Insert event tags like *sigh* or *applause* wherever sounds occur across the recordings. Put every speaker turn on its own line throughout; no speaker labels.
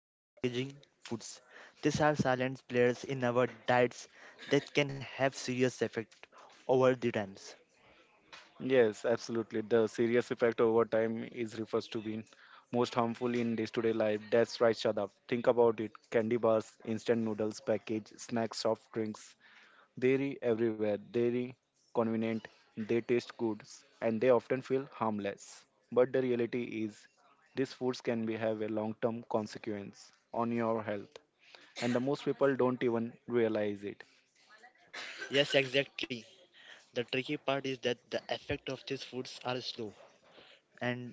and packaging foods. These are silent players in our diets that can have serious effect over the times.
Yes, absolutely. The serious effect over time is refers to being most harmful in day-to-day life. That's right, Shadab. Think about it. Candy bars, instant noodles, packaged snacks, soft drinks, dairy everywhere, dairy convenient, they taste good and they often feel harmless. But the reality is these foods can be have a long-term consequence on your health and the most people don't even realize it.
Yes, exactly. The tricky part is that the effect of these foods are slow and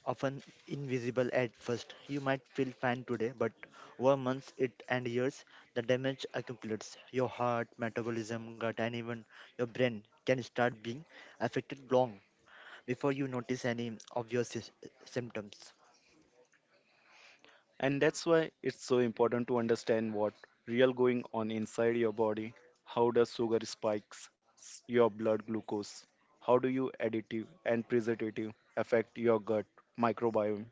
often invisible at first. You might feel fine today, but over months it and years, the damage accumulates. Your heart, metabolism, gut, and even your brain can start being affected long before you notice any obvious symptoms.
And that's why it's so important to understand what real going on inside your body, how does sugar spikes your blood glucose, how do you additive and preservative affect your gut microbiome?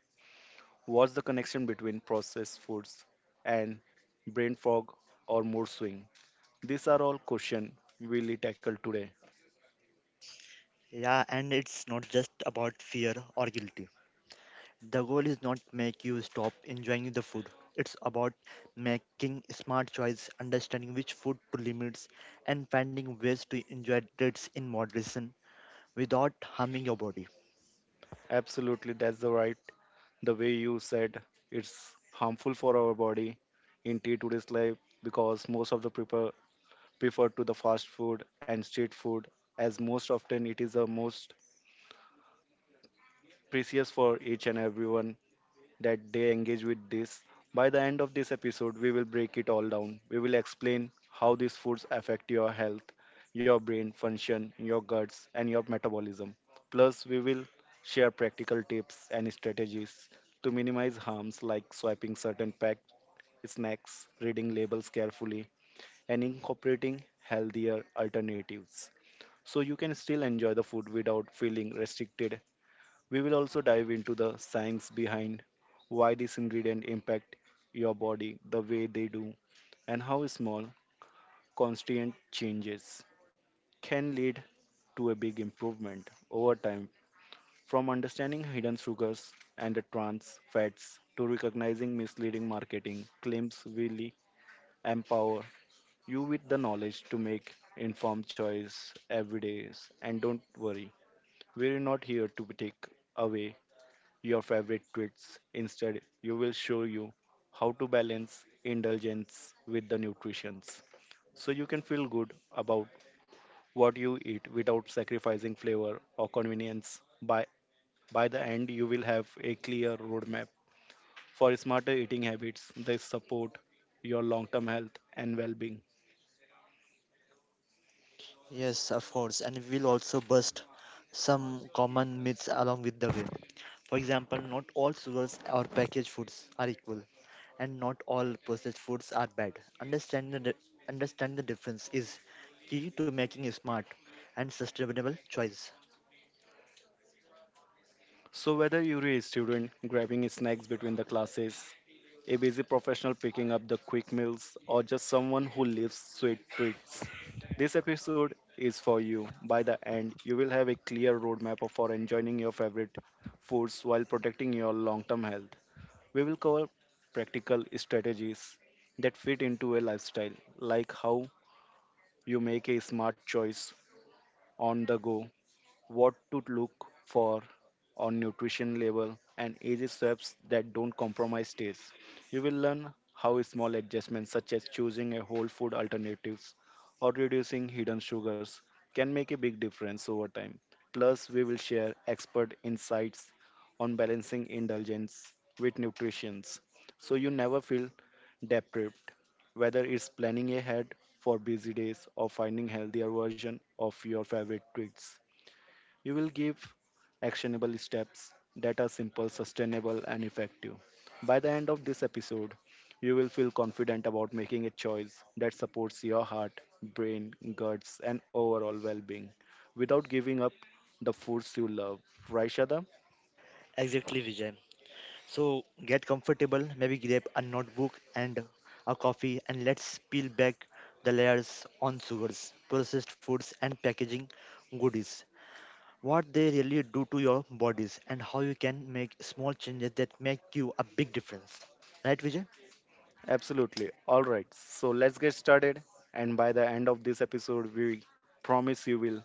What's the connection between processed foods and brain fog or mood swing? These are all questions we'll tackle today.
Yeah, and it's not just about fear or guilt. The goal is not make you stop enjoying the food. It's about making smart choice, understanding which food to limit, and finding ways to enjoy it in moderation without harming your body.
Absolutely, that's the right. The way you said, it's harmful for our body in day today's life because most of the people prefer to the fast food and street food as most often it is the most precious for each and everyone that they engage with this. By the end of this episode, we will break it all down. We will explain how these foods affect your health, your brain function, your guts, and your metabolism. Plus, we will share practical tips and strategies to minimize harms like swiping certain packed snacks, reading labels carefully, and incorporating healthier alternatives, so you can still enjoy the food without feeling restricted. We will also dive into the science behind why these ingredients impact your body the way they do and how small constant changes can lead to a big improvement over time. From understanding hidden sugars and the trans fats to recognizing misleading marketing claims, really empower you with the knowledge to make informed choice every day. And don't worry, we're not here to take away your favorite treats. Instead, you will show you how to balance indulgence with the nutritions so you can feel good about what you eat without sacrificing flavor or convenience. By the end, you will have a clear roadmap for smarter eating habits that support your long-term health and well-being.
Yes, of course, and we'll also bust some common myths along with the way. For example, not all sugars or packaged foods are equal, and not all processed foods are bad. Understand the difference is key to making a smart and sustainable choice.
So, whether you're a student grabbing snacks between the classes, a busy professional picking up the quick meals, or just someone who lives sweet treats, this episode is for you. By the end, you will have a clear roadmap for enjoying your favorite foods while protecting your long term health. We will cover practical strategies that fit into a lifestyle, like how you make a smart choice on the go, what to look for on nutrition label, and easy steps that don't compromise taste. You will learn how small adjustments such as choosing a whole food alternatives or reducing hidden sugars can make a big difference over time. Plus, we will share expert insights on balancing indulgence with nutrition so you never feel deprived, whether it's planning ahead for busy days or finding healthier version of your favorite treats. You will give actionable steps that are simple, sustainable, and effective. By the end of this episode, you will feel confident about making a choice that supports your heart, brain, guts, and overall well being without giving up the foods you love. Right, Shada?
Exactly, Vijay. So get comfortable, maybe grab a notebook and a coffee, and let's peel back the layers on sugars, processed foods, and packaging goodies. What they really do to your bodies, and how you can make small changes that make you a big difference. Right, Vijay?
Absolutely. All right. So let's get started. And by the end of this episode, we promise you will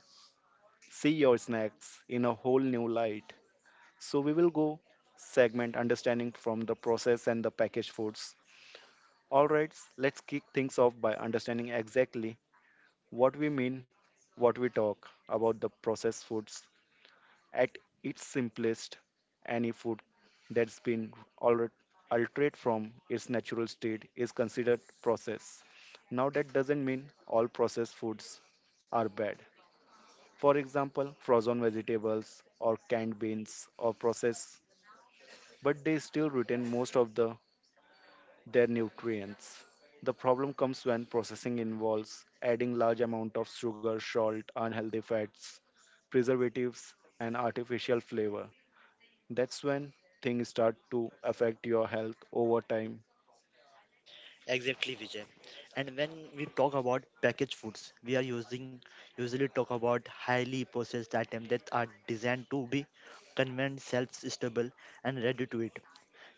see your snacks in a whole new light. So we will go segment understanding from the process and the packaged foods. All right, let's kick things off by understanding exactly what we mean, what we talk about the processed foods at its simplest. Any food that's been alre- altered from its natural state is considered processed. Now that doesn't mean all processed foods are bad. For example, frozen vegetables or canned beans or processed, but they still retain most of their nutrients. The problem comes when processing involves adding large amount of sugar, salt, unhealthy fats, preservatives and artificial flavor. That's when things start to affect your health over time.
Exactly, Vijay. And when we talk about packaged foods, we are using usually talk about highly processed items that are designed to be convenient, self-stable, and ready to eat.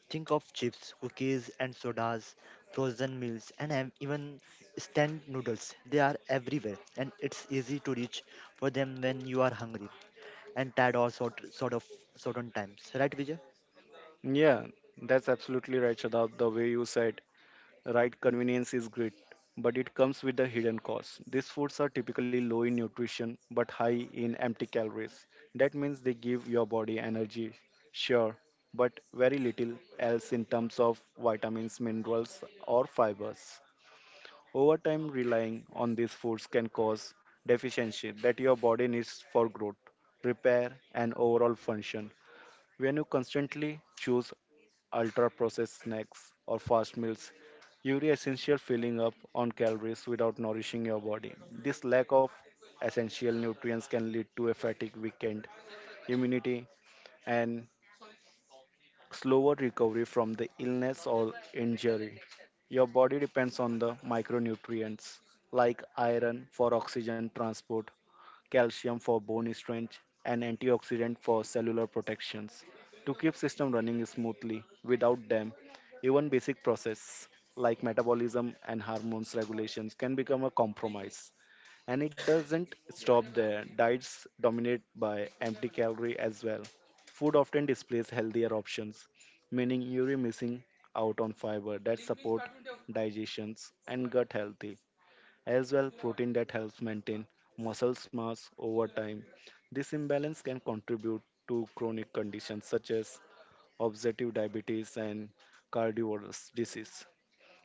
Think of chips, cookies, and sodas, frozen meals, and even stand noodles. They are everywhere, and it's easy to reach for them when you are hungry and tired or sort of certain times. Right, Vijay?
Yeah, that's absolutely right, Shadab. The way you said, right, convenience is great, but it comes with a hidden cost. These foods are typically low in nutrition but high in empty calories. That means they give your body energy, sure, but very little else in terms of vitamins, minerals, or fibers. Over time, relying on these foods can cause deficiency that your body needs for growth, repair, and overall function. When you constantly choose ultra processed snacks or fast meals, you are essentially filling up on calories without nourishing your body. This lack of essential nutrients can lead to a fatigue, weakened immunity, and slower recovery from the illness or injury. Your body depends on the micronutrients like iron for oxygen transport, calcium for bone strength, and antioxidant for cellular protections to keep system running smoothly. Without them, even basic process like metabolism and hormones regulations can become a compromise. And it doesn't stop there. Diets dominate by empty calorie as well. Food often displays healthier options, meaning you're missing out on fiber that support digestions and gut health as well protein that helps maintain muscle mass over time. This imbalance can contribute to chronic conditions such as obstructive diabetes and cardiovascular disease.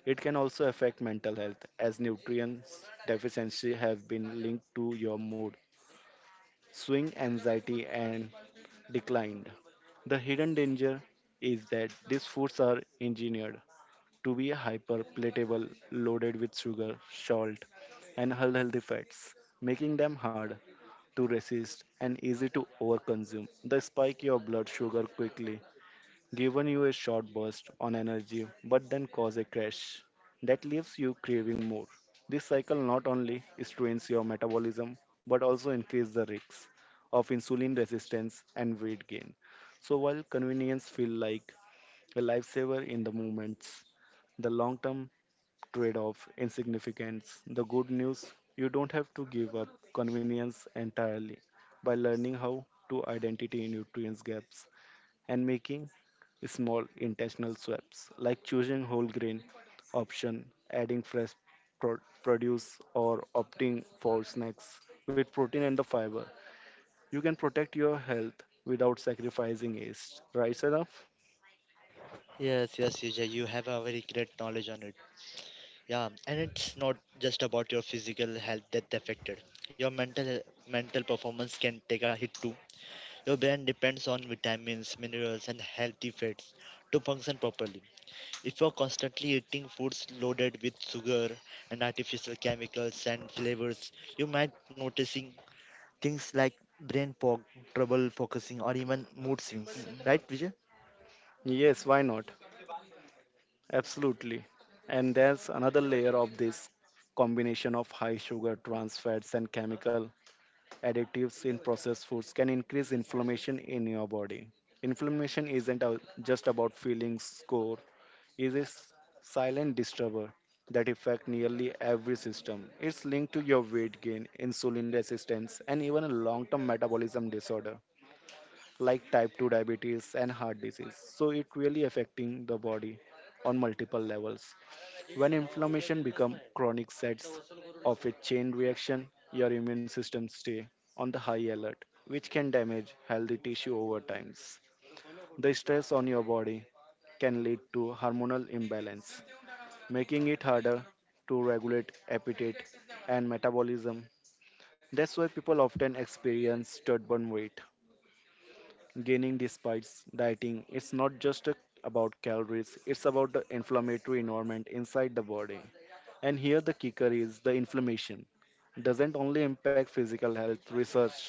It can also affect mental health as nutrients deficiency have been linked to your mood, swing anxiety and decline. The hidden danger is that these foods are engineered to be hyper palatable, loaded with sugar, salt, and unhealthy fats, making them hard to resist and easy to overconsume. They spike your blood sugar quickly, giving you a short burst on energy, but then cause a crash that leaves you craving more. This cycle not only strains your metabolism but also increases the risks of insulin resistance and weight gain. So while convenience feel like a lifesaver in the moments, the long term trade off insignificance. The good news, you don't have to give up convenience entirely by learning how to identify nutrients gaps and making small intentional swaps like choosing whole grain option, adding fresh pro- produce or opting for snacks with protein and the fiber. You can protect your health without sacrificing it. Right, Sadaf?
Yes, yes, Vijay, you have a very great knowledge on it. Yeah, and it's not just about your physical health that's affected. Your mental performance can take a hit too. Your brain depends on vitamins, minerals, and healthy fats to function properly. If you're constantly eating foods loaded with sugar and artificial chemicals and flavors, you might noticing things like brain fog, trouble focusing, or even mood swings. Right, Vijay?
Yes, why not? Absolutely. And there's another layer of this combination of high sugar, trans fats, and chemical additives in processed foods can increase inflammation in your body. Inflammation isn't a- just about feeling sore, it is silent disturber that affect nearly every system. It's linked to your weight gain, insulin resistance, and even long-term metabolism disorder like type 2 diabetes and heart disease. So it really affecting the body on multiple levels. When inflammation becomes chronic sets of a chain reaction, your immune system stay on the high alert, which can damage healthy tissue over times. The stress on your body can lead to hormonal imbalance, making it harder to regulate appetite and metabolism. That's why people often experience stubborn weight gaining despite dieting. It's not just a- about calories, it's about the inflammatory environment inside the body. And here the kicker is the inflammation doesn't only impact physical health. Research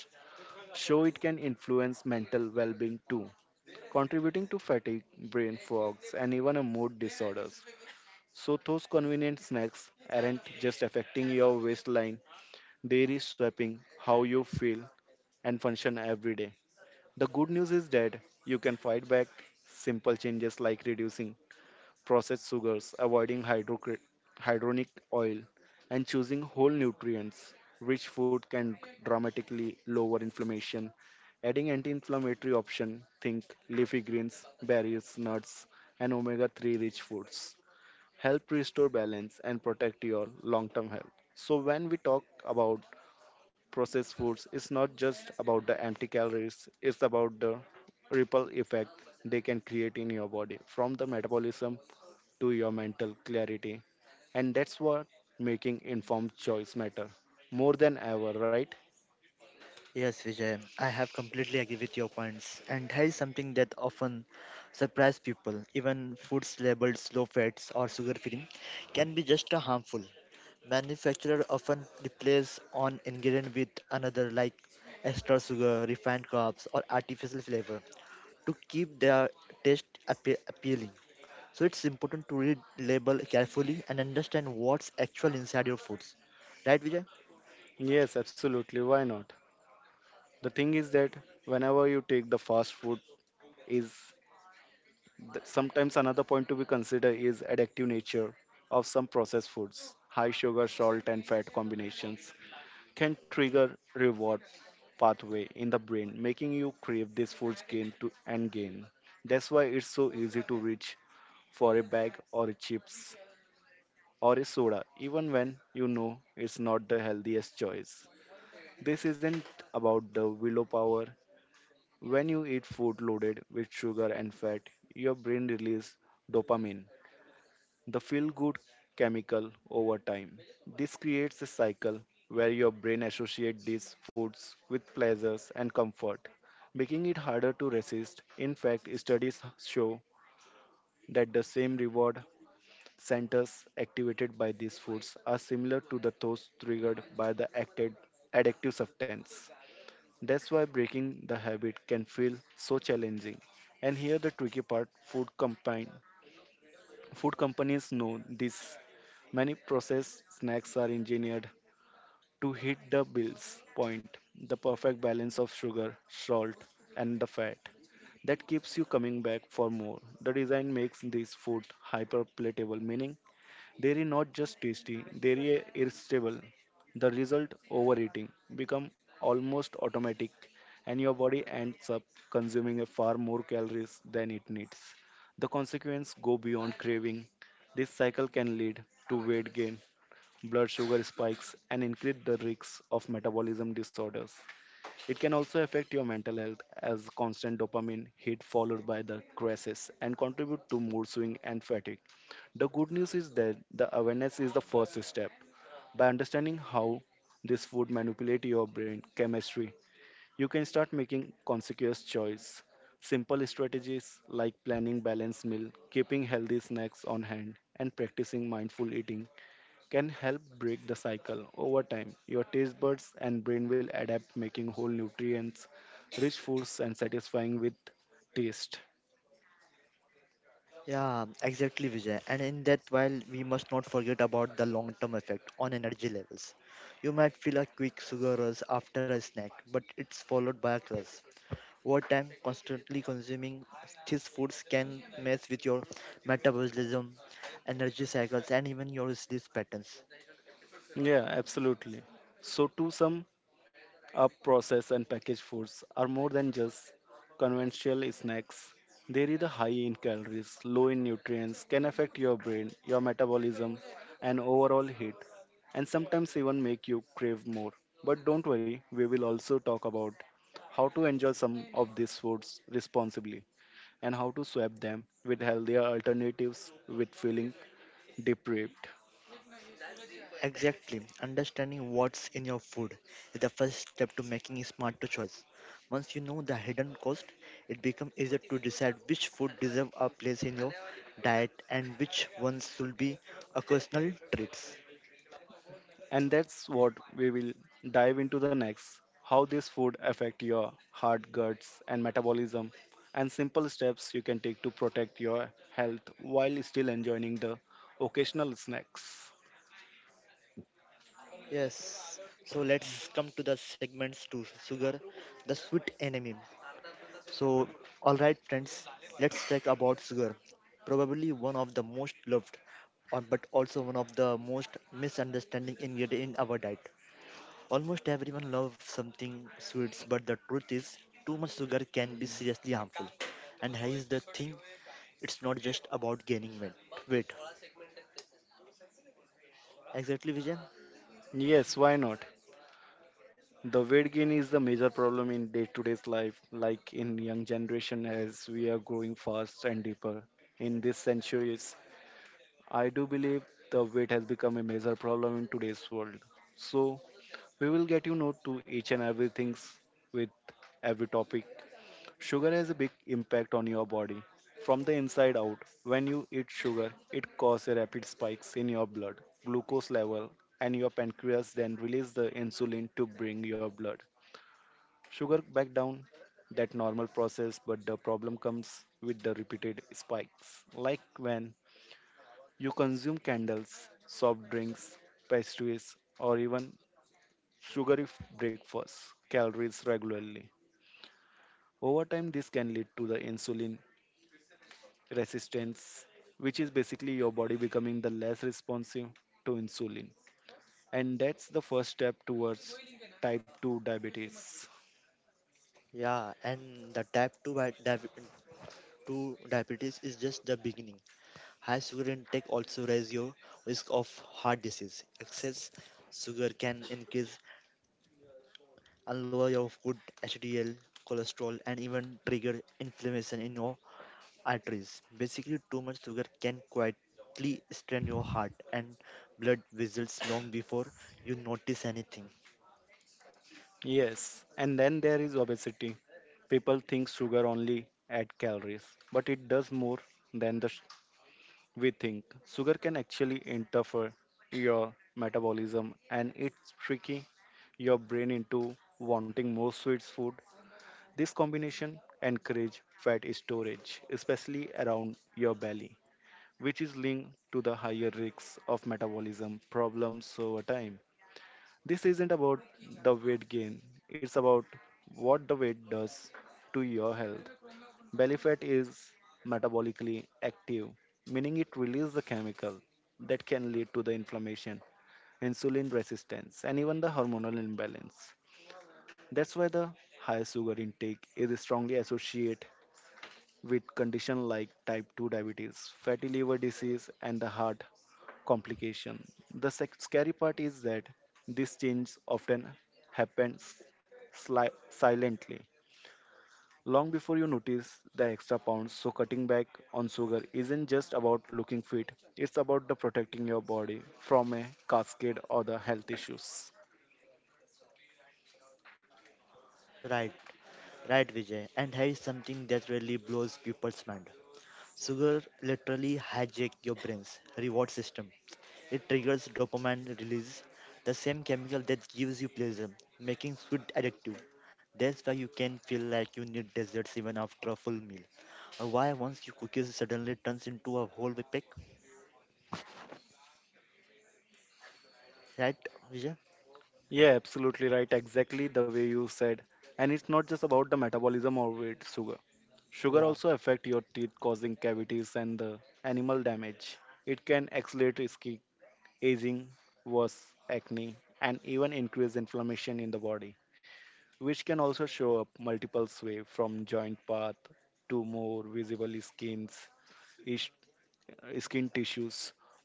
show it can influence mental well-being too, contributing to fatigue, brain fogs, and even a mood disorders. So those convenient snacks aren't just affecting your waistline, they are shaping how you feel and function every day. The good news is that you can fight back. Simple changes like reducing processed sugars, avoiding hydronic oil, and choosing whole nutrients rich food can dramatically lower inflammation. Adding anti-inflammatory option, think leafy greens, berries, nuts, and omega-3 rich foods help restore balance and protect your long-term health. So when we talk about processed foods is not just about the empty calories, it's about the ripple effect they can create in your body from the metabolism to your mental clarity. And that's what making informed choice matter more than ever, right?
Yes, Vijay, I have completely agree with your points. And here is something that often surprise people. Even foods labeled slow fats or sugar free can be just a harmful. Manufacturer often replace on ingredient with another like extra sugar, refined carbs, or artificial flavor to keep their taste appealing. So it's important to read label carefully and understand what's actual inside your foods. Right, Vijay?
Yes, absolutely. Why not? The thing is that whenever you take the fast food is, sometimes another point to be considered is addictive nature of some processed foods. High sugar, salt and fat combinations can trigger reward pathway in the brain, making you crave this food's gain to and gain. That's why it's so easy to reach for a bag or a chips or a soda, even when you know it's not the healthiest choice. This isn't about the willpower. When you eat food loaded with sugar and fat, your brain releases dopamine, the feel good chemical over time. This creates a cycle where your brain associates these foods with pleasures and comfort, making it harder to resist. In fact, studies show that the same reward centers activated by these foods are similar to the those triggered by the acted addictive substance. That's why breaking the habit can feel so challenging. And here the tricky part food combined. Food companies know this. Many processed snacks are engineered to hit the bills point, the perfect balance of sugar, salt, and the fat that keeps you coming back for more. The design makes this food hyper palatable, meaning dairy not just tasty, dairy irresistible. The result overeating become almost automatic and your body ends up consuming a far more calories than it needs. The consequences go beyond craving. This cycle can lead to weight gain, blood sugar spikes and increase the risks of metabolism disorders. It can also affect your mental health as constant dopamine hit followed by the crisis and contribute to mood swing and fatigue. The good news is that the awareness is the first step. By understanding how this food manipulate your brain chemistry, you can start making conscious choice. Simple strategies like planning balanced meal, keeping healthy snacks on hand, and practicing mindful eating can help break the cycle. Over time, your taste buds and brain will adapt, making whole nutrients, rich foods, and satisfying with taste.
Yeah, exactly, Vijay. And in that, while we must not forget about the long-term effect on energy levels. You might feel a quick sugar rush after a snack, but it's followed by a crash. Over time, constantly consuming these foods can mess with your metabolism, energy cycles, and even your sleep patterns.
Yeah, absolutely. So, to sum up processed and packaged foods are more than just conventional snacks. They are high in calories, low in nutrients, can affect your brain, your metabolism, and overall health, and sometimes even make you crave more. But don't worry, we will also talk about how to enjoy some of these foods responsibly and how to swap them with healthier alternatives with feeling deprived.
Exactly. Understanding what's in your food is the first step to making a smarter choice. Once you know the hidden cost, it becomes easier to decide which food deserve a place in your diet and which ones should be occasional treats.
And that's what we will dive into the next. How this food affect your heart, guts and metabolism and simple steps you can take to protect your health while still enjoying the occasional snacks.
Yes. So let's come to the segments to sugar, the sweet enemy. So all right friends, let's talk about sugar. Probably one of the most loved or but also one of the most misunderstanding ingredient in our diet. Almost everyone loves something sweet, but the truth is, too much sugar can be seriously harmful. And here is the thing it's not just about gaining weight. Weight. Exactly, Vijay.
Yes, why not? The weight gain is the major problem in day-to-day's life, like in young generation as we are growing fast and deeper. In these centuries, I do believe the weight has become a major problem in today's world. So we will get you note to each and everything with every topic. Sugar has a big impact on your body from the inside out. When you eat sugar, it causes a rapid spikes in your blood glucose level and your pancreas then release the insulin to bring your blood sugar back down. That normal process, but the problem comes with the repeated spikes, like when you consume candles, soft drinks, pastries, or even breakfasts, calories regularly. Over time, this can lead to the insulin resistance, which is basically your body becoming the less responsive to insulin. And that's the first step towards type 2 diabetes.
Yeah, and the type 2, bi- diabe- 2 diabetes is just the beginning. High sugar intake also raises your risk of heart disease. Excess sugar can increase and lower your good HDL, cholesterol, and even trigger inflammation in your arteries. Basically, too much sugar can quietly strain your heart and blood vessels long before you notice anything.
Yes, and then there is obesity. People think sugar only add calories, but it does more than we think. Sugar can actually interfere your metabolism and it's tricky your brain into wanting more sweets food. This combination encourage fat storage, especially around your belly, which is linked to the higher risks of metabolism problems. Over time, this isn't about the weight gain, it's about what the weight does to your health. Belly fat is metabolically active, meaning it releases a chemical that can lead to the inflammation, insulin resistance, and even the hormonal imbalance. That's why the high sugar intake is strongly associated with conditions like type 2 diabetes, fatty liver disease, and the heart complication. Scary part is that these changes often happens silently long before you notice the extra pounds. So, cutting back on sugar isn't just about looking fit, it's about the protecting your body from a cascade or the health issues.
Right, right, Vijay. And here is something that really blows people's mind. Sugar literally hijack your brain's reward system. It triggers dopamine release, the same chemical that gives you pleasure, making sweet addictive. That's why you can feel like you need desserts even after a full meal, or why once you cookies suddenly turns into a whole pack. Right, Vijay?
Yeah, absolutely right. Exactly the way you said. And it's not just about the metabolism or weight sugar. Sugar
Yeah.
also affect your teeth, causing cavities and the animal damage. It can accelerate skin aging, worse acne, and even increase inflammation in the body, which can also show up multiple ways from joint path to more visible skins, ish- skin tissues.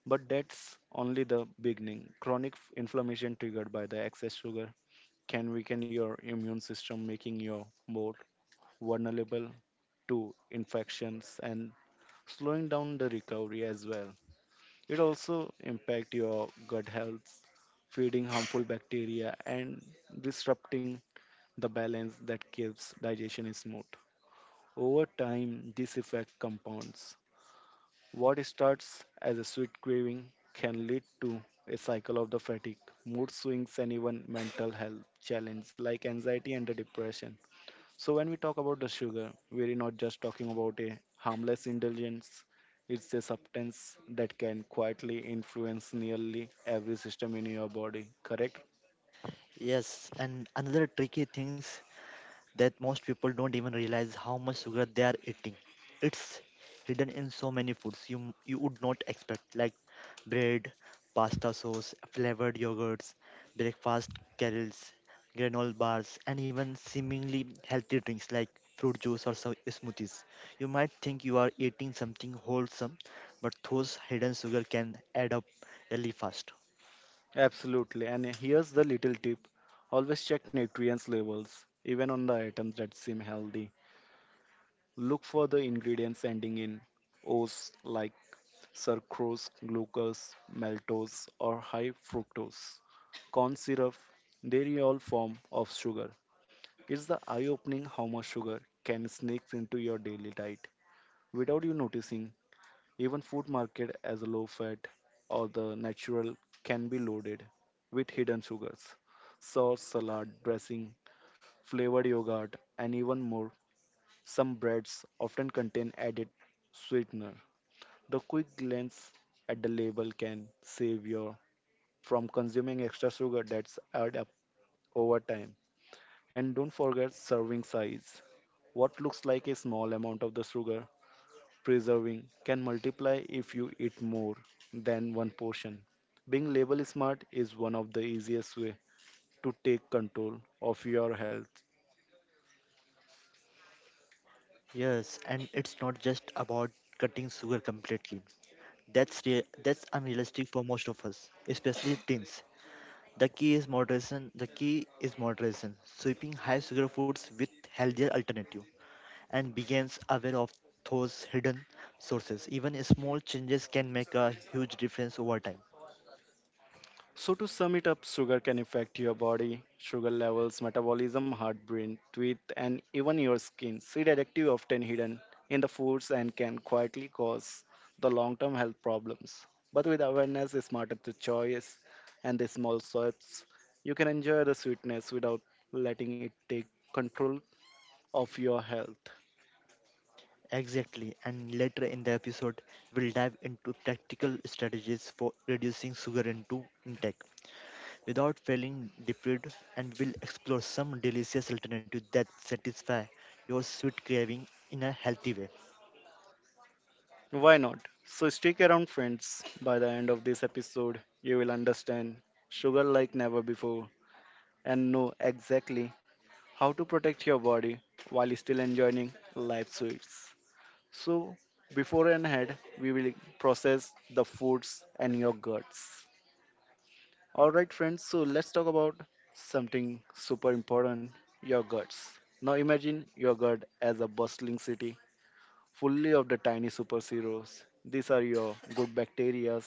But that's only the beginning. Chronic inflammation triggered by the excess sugar can weaken your immune system, making you more vulnerable to infections and slowing down the recovery as well. It also impact your gut health, feeding harmful bacteria and disrupting the balance that keeps digestion smooth. Over time, this effect compounds. What starts as a sweet craving can lead to a cycle of the fatigue, mood swings, and even mental health challenges like anxiety and the depression. So, when we talk about the sugar, we're not just talking about a harmless indulgence, it's a substance that can quietly influence nearly every system in your body, correct?
Yes. And another tricky things that most people don't even realize how much sugar they are eating. It's hidden in so many foods you you would not expect, like bread, pasta sauce, flavored yogurts, breakfast cereals, granola bars, and even seemingly healthy drinks like fruit juice or so smoothies. You might think you are eating something wholesome, but those hidden sugar can add up really fast.
Absolutely. And here's the little tip, always check nutrients levels, even on the items that seem healthy. Look for the ingredients ending in O's like sucrose, glucose, maltose, or high fructose. Corn syrup, are all form of sugar. It's the eye opening how much sugar can sneak into your daily diet without you noticing. Even food market as low fat or the natural can be loaded with hidden sugars. Sauce, salad, dressing, flavored yogurt, and even more. Some breads often contain added sweetener. The quick glance at the label can save you from consuming extra sugar that's add up over time. And don't forget serving size. What looks like a small amount of the sugar preserving can multiply if you eat more than one portion. Being label smart is one of the easiest way to take control of your health.
Yes, and it's not just about cutting sugar completely. That's that's unrealistic for most of us, especially teens. The key is moderation. Sweeping high sugar foods with healthier alternative, and begins aware of those hidden sources. Even small changes can make a huge difference over time.
So, to sum it up, sugar can affect your body, sugar levels, metabolism, heart, brain, teeth, and even your skin. See additive often hidden in the foods and can quietly cause the long term health problems. But with awareness, smarter to choice and the small steps, you can enjoy the sweetness without letting it take control of your health.
Exactly. And later in the episode, we'll dive into practical strategies for reducing sugar into intake without feeling deprived and will explore some delicious alternatives that satisfy your sweet craving in a healthy way.
Why not? So, stick around, friends. By the end of this episode, you will understand sugar like never before and know exactly how to protect your body while still enjoying life's sweets. So, before and ahead, we will process the foods and your guts. Alright, friends, so let's talk about something super important, your guts. Now, imagine your gut as a bustling city fully of the tiny superheroes. These are your good bacteria.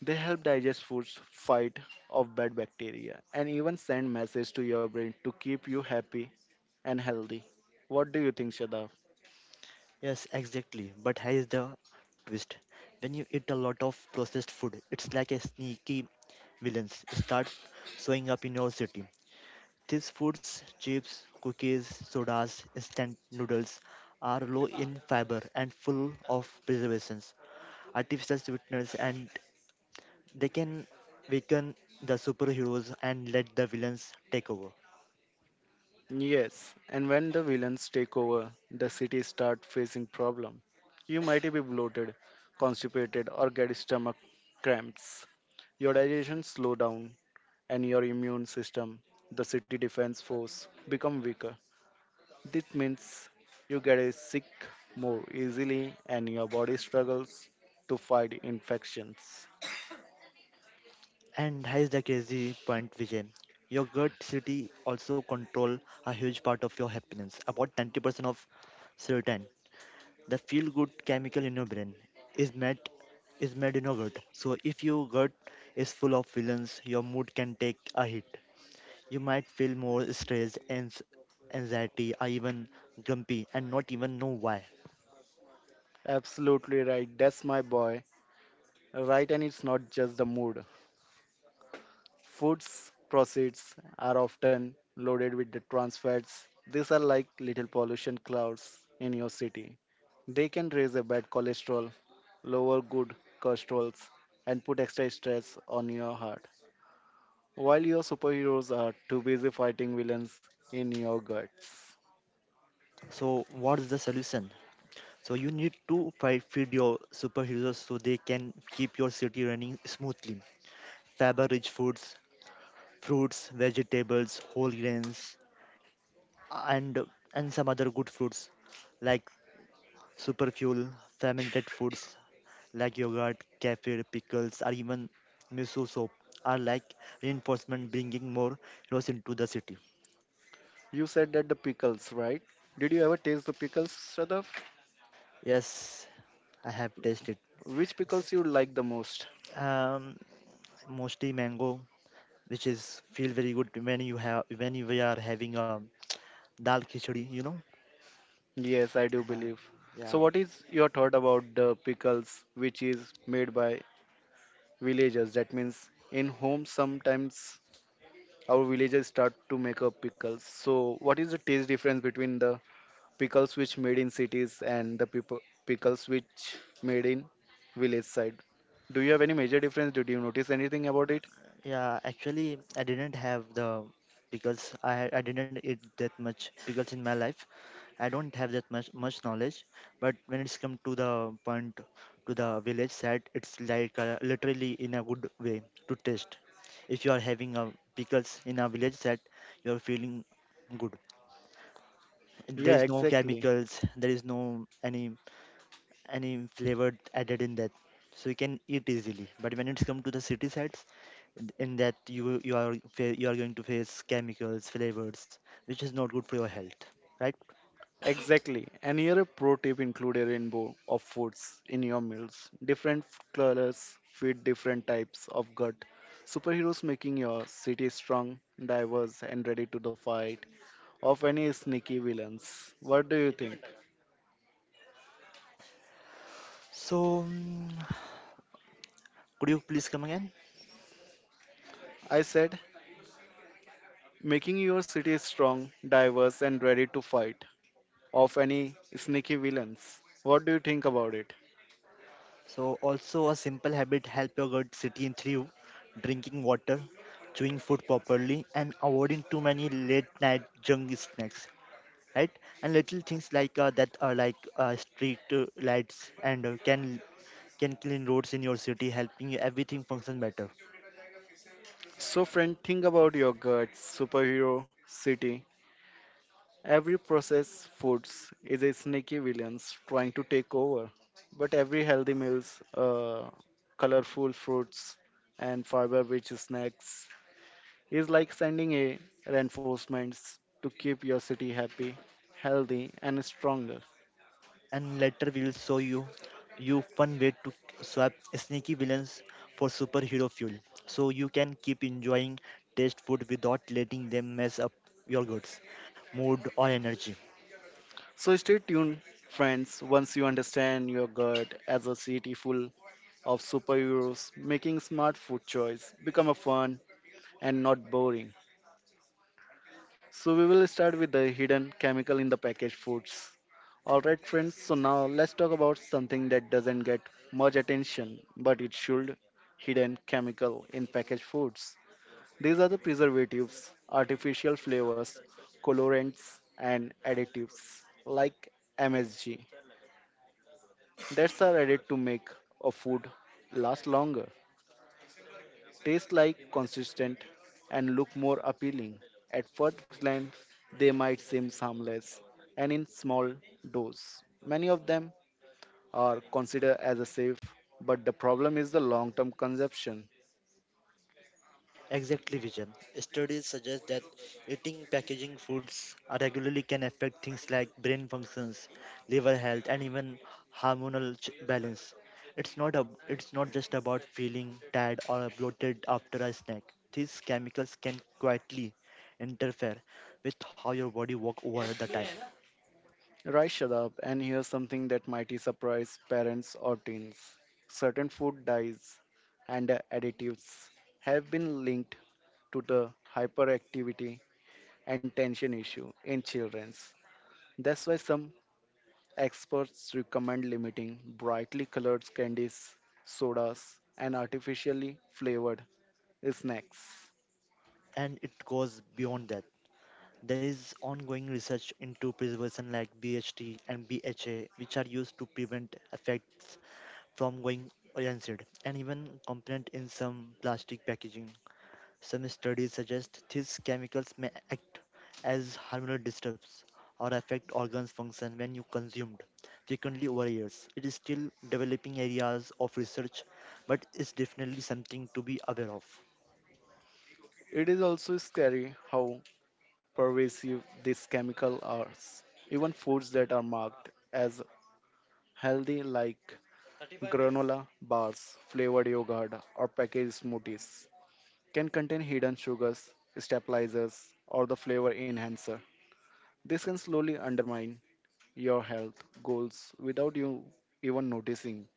They help digest foods, fight off bad bacteria, and even send message to your brain to keep you happy and healthy. What do you think, Shadav?
Yes, exactly. But here is the twist. When you eat a lot of processed food, it's like a sneaky villains start showing up in your city. These foods, chips, cookies, sodas, instant noodles, are low in fiber and full of preservations, artificial sweeteners, and they can weaken the superheroes and let the villains take over.
Yes, and when the villains take over, the city start facing problem. You might be bloated, constipated, or get stomach cramps. Your digestion slow down, and your immune system, the city defense force, become weaker. This means you get a sick more easily, and your body struggles to fight infections.
And here's the crazy point, Vijay. Your gut city also control a huge part of your happiness. About 90% of serotonin, the feel-good chemical in your brain, is made is made in your gut. So if your gut is full of villains, your mood can take a hit. You might feel more stressed and anxiety, or even grumpy, and not even know why.
Absolutely right. That's my boy. Right, and it's not just the mood. Foods proceeds are often loaded with the trans fats. These are like little pollution clouds in your city. They can raise a bad cholesterol, lower good cholesterols, and put extra stress on your heart. While your superheroes are too busy fighting villains in your guts.
So what's the solution? So you need to fight, feed your superheroes so they can keep your city running smoothly. Fiber-rich foods, fruits, vegetables, whole grains, and and some other good fruits like super fuel, fermented foods like yogurt, kefir, pickles, or even miso soup are like reinforcement, bringing more heroes into the city.
You said that the pickles, right? Did you ever taste the pickles, Sadaf?
Yes, I have tasted.
Which
It's,
pickles you like the most?
um, mostly mango, which is feel very good when you have we are having dal khichdi, you know.
Yes, I do
Yeah,
believe. So,
yeah,
what is your thought about the pickles, which is made by villagers? That means in home, sometimes our villagers start to make up pickles. So, what is the taste difference between the pickles which made in cities and the people, pickles which made in village side? Do you have any major difference? Did you notice anything about it?
Yeah, actually, I didn't have the because I didn't eat that much because in my life I don't have that much knowledge. But when it's come to the point to the village side, it's like literally in a good way to taste. If you are having a pickles in a village side, you're feeling good. There
Yeah,
is no
exactly.
chemicals. There is no any. Any flavor added in that so you can eat easily but when it's come to the city sides in that you are you are going to face chemicals flavors which is not good for your health right
Exactly. And here a pro tip, include a rainbow of foods in your meals. Different colors feed different types of gut. Superheroes making your city strong, diverse, and ready to the fight of any sneaky villains. What do you think?
so could you please come again.
I said, making your city strong, diverse, and ready to fight of any sneaky villains. What do you think about it?
So also a simple habit help your gut city in through drinking water chewing food properly and avoiding too many late night junk snacks right and little things like that are like street lights and can clean roads in your city, helping everything function better.
So, friend, think about your guts, superhero, city, every processed foods is a sneaky villain trying to take over, but every healthy meals, colorful fruits, and fiber-rich snacks is like sending a reinforcements to keep your city happy, healthy, and stronger.
And later we will show you fun way to swap sneaky villains for superhero fuel, so you can keep enjoying taste food without letting them mess up your goods, mood or energy.
So stay tuned, friends. Once you understand your gut as a city full of superheroes, making smart food choice become a fun and not boring. So we will start with the hidden chemical in the packaged foods. All right, friends. So now let's talk about something that doesn't get much attention, but it should. Hidden chemical in packaged foods. These are the preservatives, artificial flavors, colorants, and additives like MSG. That's are added to make a food last longer, taste like consistent and look more appealing. At first glance, they might seem harmless and in small dose. Many of them are considered as a safe, but the problem is the long-term consumption.
Exactly, Vision. Studies suggest that eating packaging foods regularly can affect things like brain functions, liver health, and even hormonal balance. It's not just about feeling tired or bloated after a snack. These chemicals can quietly interfere with how your body works over the time,
Right, Shadab, and here's something that might surprise parents or teens. Certain food dyes and additives have been linked to the hyperactivity and tension issue in children. That's why some experts recommend limiting brightly colored candies, sodas, and artificially flavored snacks.
and it goes beyond that. There is ongoing research into preservation like BHT and BHA, which are used to prevent effects from going rancid and even component in some plastic packaging. Some studies suggest these chemicals may act as hormonal disturbs or affect organs function when you consumed frequently over years. It is still developing areas of research, but it's definitely something to be aware of.
It is also scary how pervasive these chemicals are. Even foods that are marked as healthy, like granola bars, flavored yogurt, or packaged smoothies, can contain hidden sugars, stabilizers, or the flavor enhancer. This can slowly undermine your health goals without you even noticing.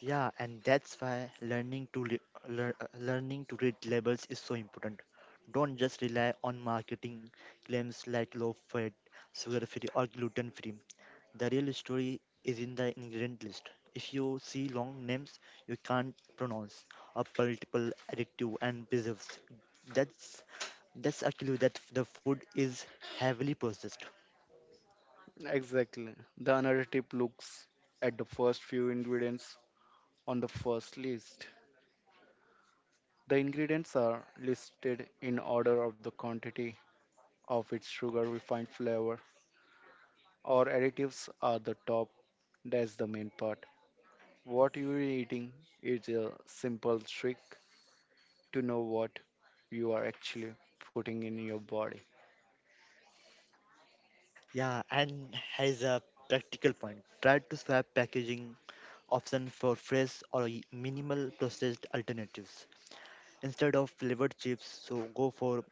Yeah, and that's why learning to read labels is so important. Don't just rely on marketing claims like low fat, sugar free, or gluten free. The real story is in the ingredient list. If you see long names you can't pronounce, or multiple additive and preserves, that's that's a clue that the food is heavily processed.
Exactly. The another tip looks at the first few ingredients on the first list. The ingredients are listed in order of the quantity of its sugar, refined flavor, or additives are the top. That's the main part. What you are eating is a simple trick to know what you are actually putting in your body.
Yeah, and has a practical point. Try to swap packaging option for fresh or minimal processed alternatives. Instead of flavored chips, so go for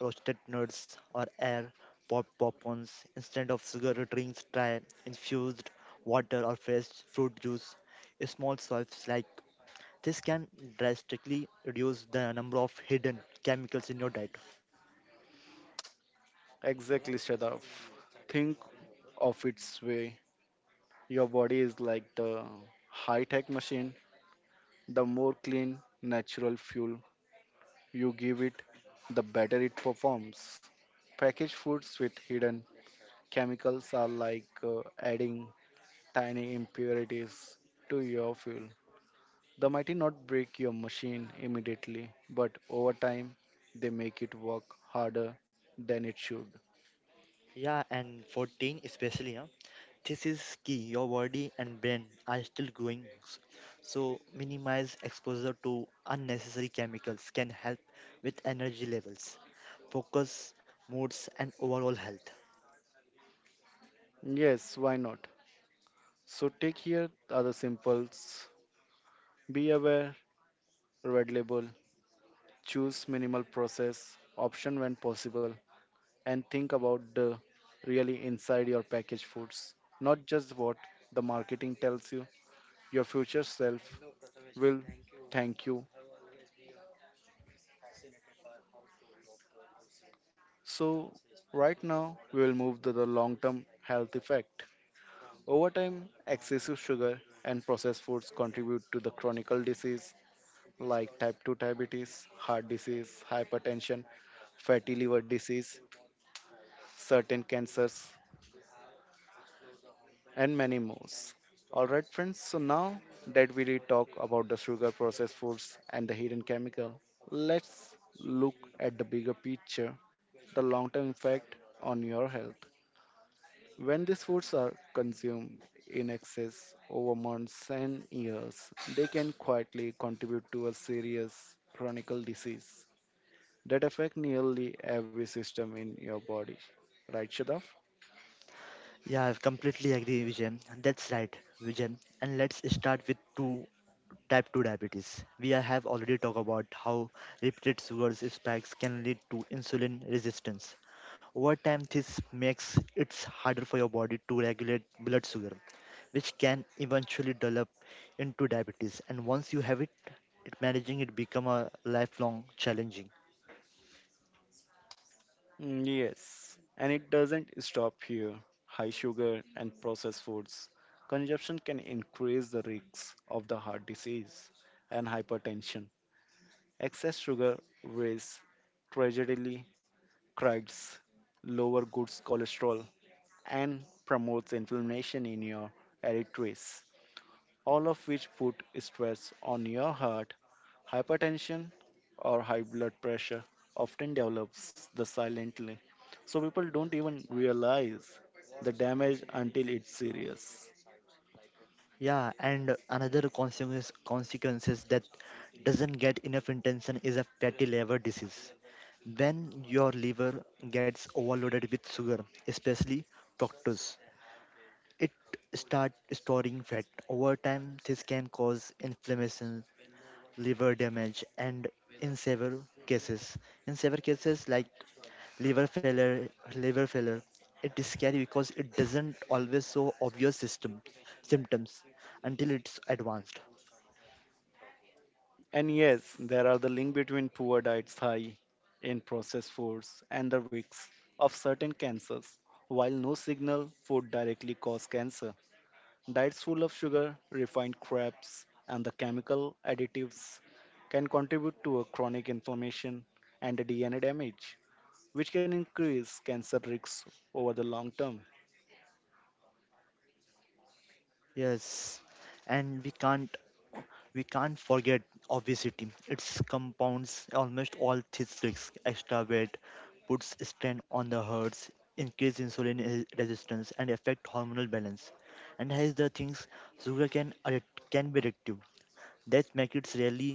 roasted nuts or air pop popcorns. Instead of sugar drinks, try infused water or fresh fruit juice. Small swipes like this can drastically reduce the number of hidden chemicals in your diet.
Exactly, Shadaf. Think of its way. Your body is like the high tech machine. The more clean, natural fuel you give it, the better it performs. Packaged foods with hidden chemicals are like adding tiny impurities to your fuel. They might not break your machine immediately, but over time, they make it work harder than it should.
Yeah, and for teen especially, huh? This is key. Your body and brain are still growing, so minimize exposure to unnecessary chemicals can help with energy levels, focus, moods, and overall health.
Yes, why not? So take here are the simples. Be aware, red label, choose minimal process option when possible, and think about the really inside your packaged foods, not just what the marketing tells you. Your future self will thank you. So, right now, we will move to the long term health effect. Over time, excessive sugar and processed foods contribute to the chronic disease like type 2 diabetes, heart disease, hypertension, fatty liver disease, certain cancers, and many more. Alright, friends, so now that we did talk about the sugar processed foods and the hidden chemical, let's look at the bigger picture the long term effect on your health. When these foods are consumed in excess over months and years, they can quietly contribute to a serious chronic disease that affect nearly every system in your body. Right, Shadav?
Yeah, I completely agree, Vijay. That's right, Vijay. And let's start with two type 2 diabetes. Have already talked about how repeated sugar spikes can lead to insulin resistance. Over time, this makes it harder for your body to regulate blood sugar, which can eventually develop into diabetes. And once you have it, managing it become a lifelong challenging.
Mm, yes, and it doesn't stop here. High sugar and processed foods consumption can increase the risks of the heart disease and hypertension. Excess sugar raises tragically cracks, lower good cholesterol, and promotes inflammation in your arteries all of which put stress on your heart. Hypertension or high blood pressure often develops the silently. So people don't even realize the damage until it's serious.
Yeah, and another consequences that doesn't get enough attention is a fatty liver disease. When your liver gets overloaded with sugar, especially fructose. It starts storing fat. Over time, this can cause inflammation, liver damage, and in several cases, in several cases like liver failure, liver failure, it is scary because it doesn't always show obvious symptoms until it's advanced.
And yes, there are the link between poor diets high in processed foods and the risks of certain cancers. While no signal food directly cause cancer, diets full of sugar, refined crabs, and the chemical additives can contribute to a chronic inflammation and DNA damage, which can increase cancer risks over the long term.
Yes, and we can't forget obesity. It compounds almost all these risks. Extra weight puts strain on the hearts, increase insulin resistance, and affect hormonal balance. And here's the things: sugar can be addictive. That makes it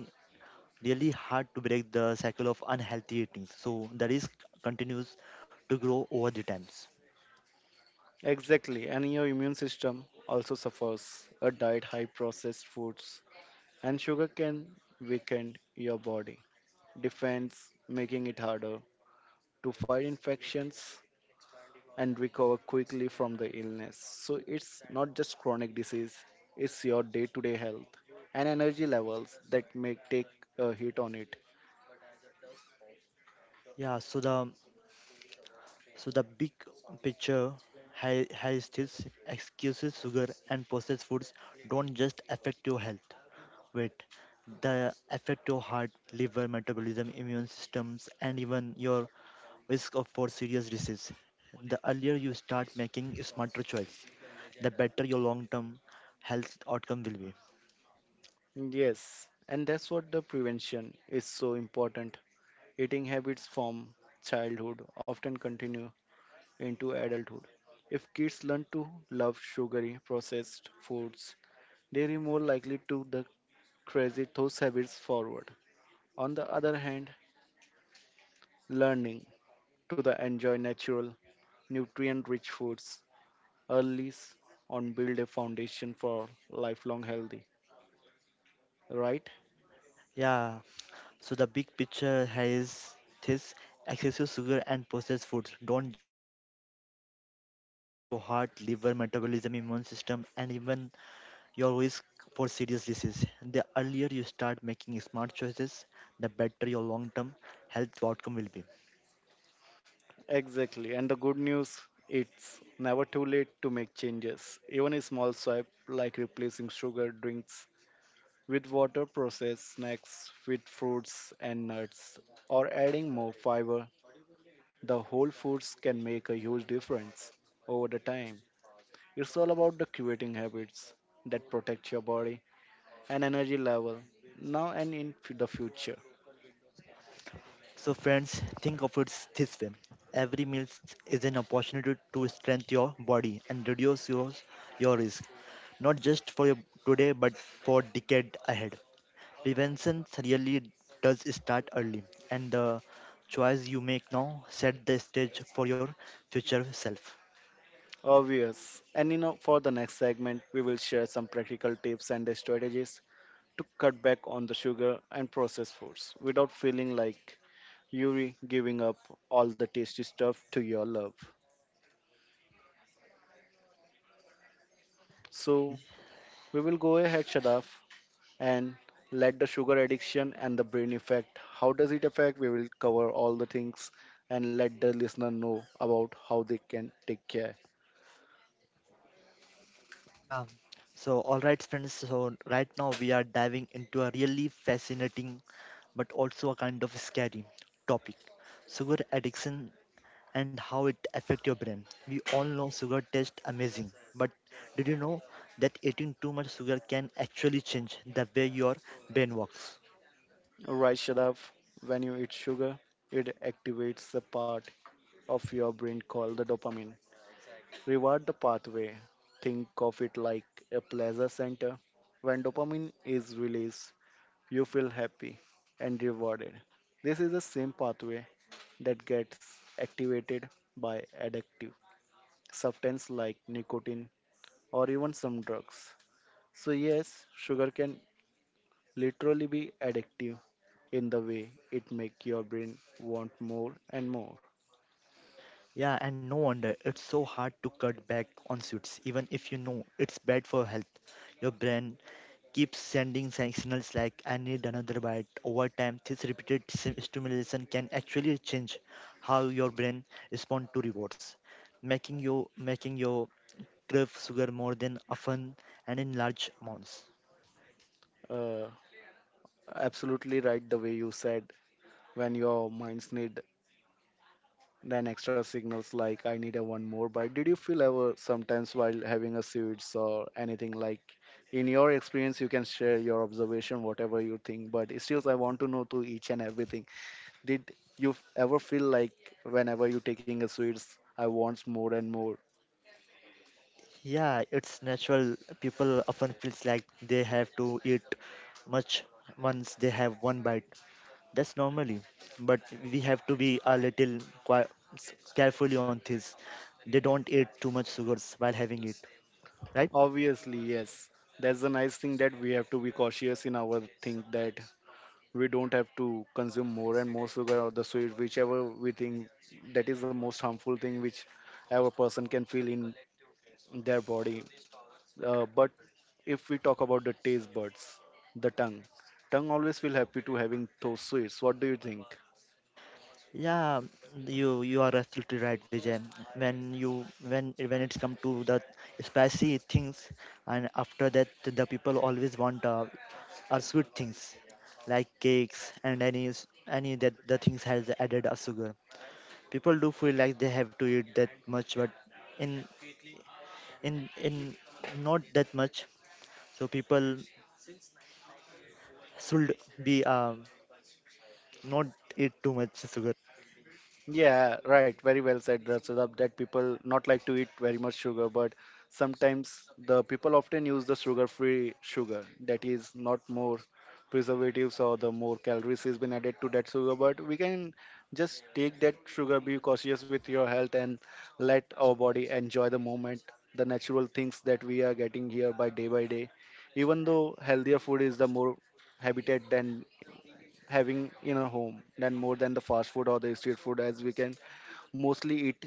really hard to break the cycle of unhealthy eating. So the risk continues to grow over the times.
Exactly, and your immune system also suffers. A diet high processed foods and sugar can weaken your body defense, making it harder to fight infections and recover quickly from the illness. So it's not just chronic disease, it's your day to day health and energy levels that may take a hit on it.
Yeah. So the big picture, high stills, excuses, sugar, and processed foods don't just affect your health, weight. They affect your heart, liver, metabolism, immune systems, and even your risk of for serious disease. The earlier you start making smarter choice, the better your long-term health outcome will be.
Yes, and that's what the prevention is so important. Eating habits from childhood often continue into adulthood. If kids learn to love sugary processed foods, they are more likely to the crazy those habits forward. On the other hand, learning to the enjoy natural nutrient rich foods early on build a foundation for lifelong healthy right.
Yeah, so the big picture is this excessive sugar and processed foods don't just affect your weight. They affect your heart, liver, metabolism, immune system, and even your risk for serious disease. The earlier you start making smart choices, the better your long-term health outcome will be.
Exactly, and the good news, it's never too late to make changes. Even a small swipe like replacing sugar drinks with water, processed snacks with fruits and nuts, or adding more fiber the whole foods can make a huge difference over the time. It's all about the creating habits that protect your body and energy level now and in the future.
So friends, think of it this way. Every meal is an opportunity to strengthen your body and reduce your risk, not just for your today, but for decade ahead. Prevention really does start early, and the choice you make now set the stage for your future self.
Obvious. And you know, for the next segment, we will share some practical tips and the strategies to cut back on the sugar and processed foods without feeling like you're giving up all the tasty stuff to your love. So we will go ahead, Shadaf, and let the sugar addiction and the brain effect. How does it affect? We will cover all the things and let the listener know about how they can take care.
Yeah. So, all right, friends. So, right now we are diving into a really fascinating but also a kind of scary topic sugar addiction and how it affects your brain. We all know sugar tastes amazing, but did you know that eating too much sugar can actually change the way your brain works?
Right, Shadav, when you eat sugar, it activates the part of your brain called the dopamine. Reward the pathway. Think of it like a pleasure center. When dopamine is released, you feel happy and rewarded. This is the same pathway that gets activated by addictive substance like nicotine or even some drugs. So yes, sugar can literally be addictive in the way it make your brain want more and more.
Yeah, and no wonder it's so hard to cut back on sweets, even if you know it's bad for health. Your brain keeps sending signals like I need another bite. Over time, this repeated stimulation can actually change how your brain responds to rewards, making your crave sugar more than often and in large amounts.
uh, Absolutely right the way you said, when your minds need then extra signals like I need a one more bite, did you feel ever sometimes while having a sweets or anything like in your experience? You can share your observation whatever you think, but still I want to know to each and everything. Did you ever feel like whenever you taking a sweets I want more and more?
Yeah, it's natural. People often feels like they have to eat much once they have one bite. That's normally, but we have to be a little qui- carefully on this. They don't eat too much sugars while having it, right?
Obviously, yes. That's the nice thing that we have to be cautious in our thing that we don't have to consume more and more sugar or the sweet, whichever we think that is the most harmful thing which ever person can feel in their body. But if we talk about the taste buds, the tongue, tongue always feel happy to having those sweets. What do you think?
Yeah, you are absolutely right, Vijay. When you when it's come to the spicy things, and after that the people always want are sweet things like cakes and any that the things has added a sugar. People do feel like they have to eat that much, but in in not that much. So people should be not eat too much sugar.
Yeah, right. Very well said, Sadab, that people not like to eat very much sugar, but sometimes the people often use the sugar-free sugar that is not more preservatives or the more calories has been added to that sugar, but we can just take that sugar, be cautious with your health and let our body enjoy the moment, the natural things that we are getting here by day by day. Even though healthier food is the more habitat than having in a home than more than the fast food or the street food as we can mostly eat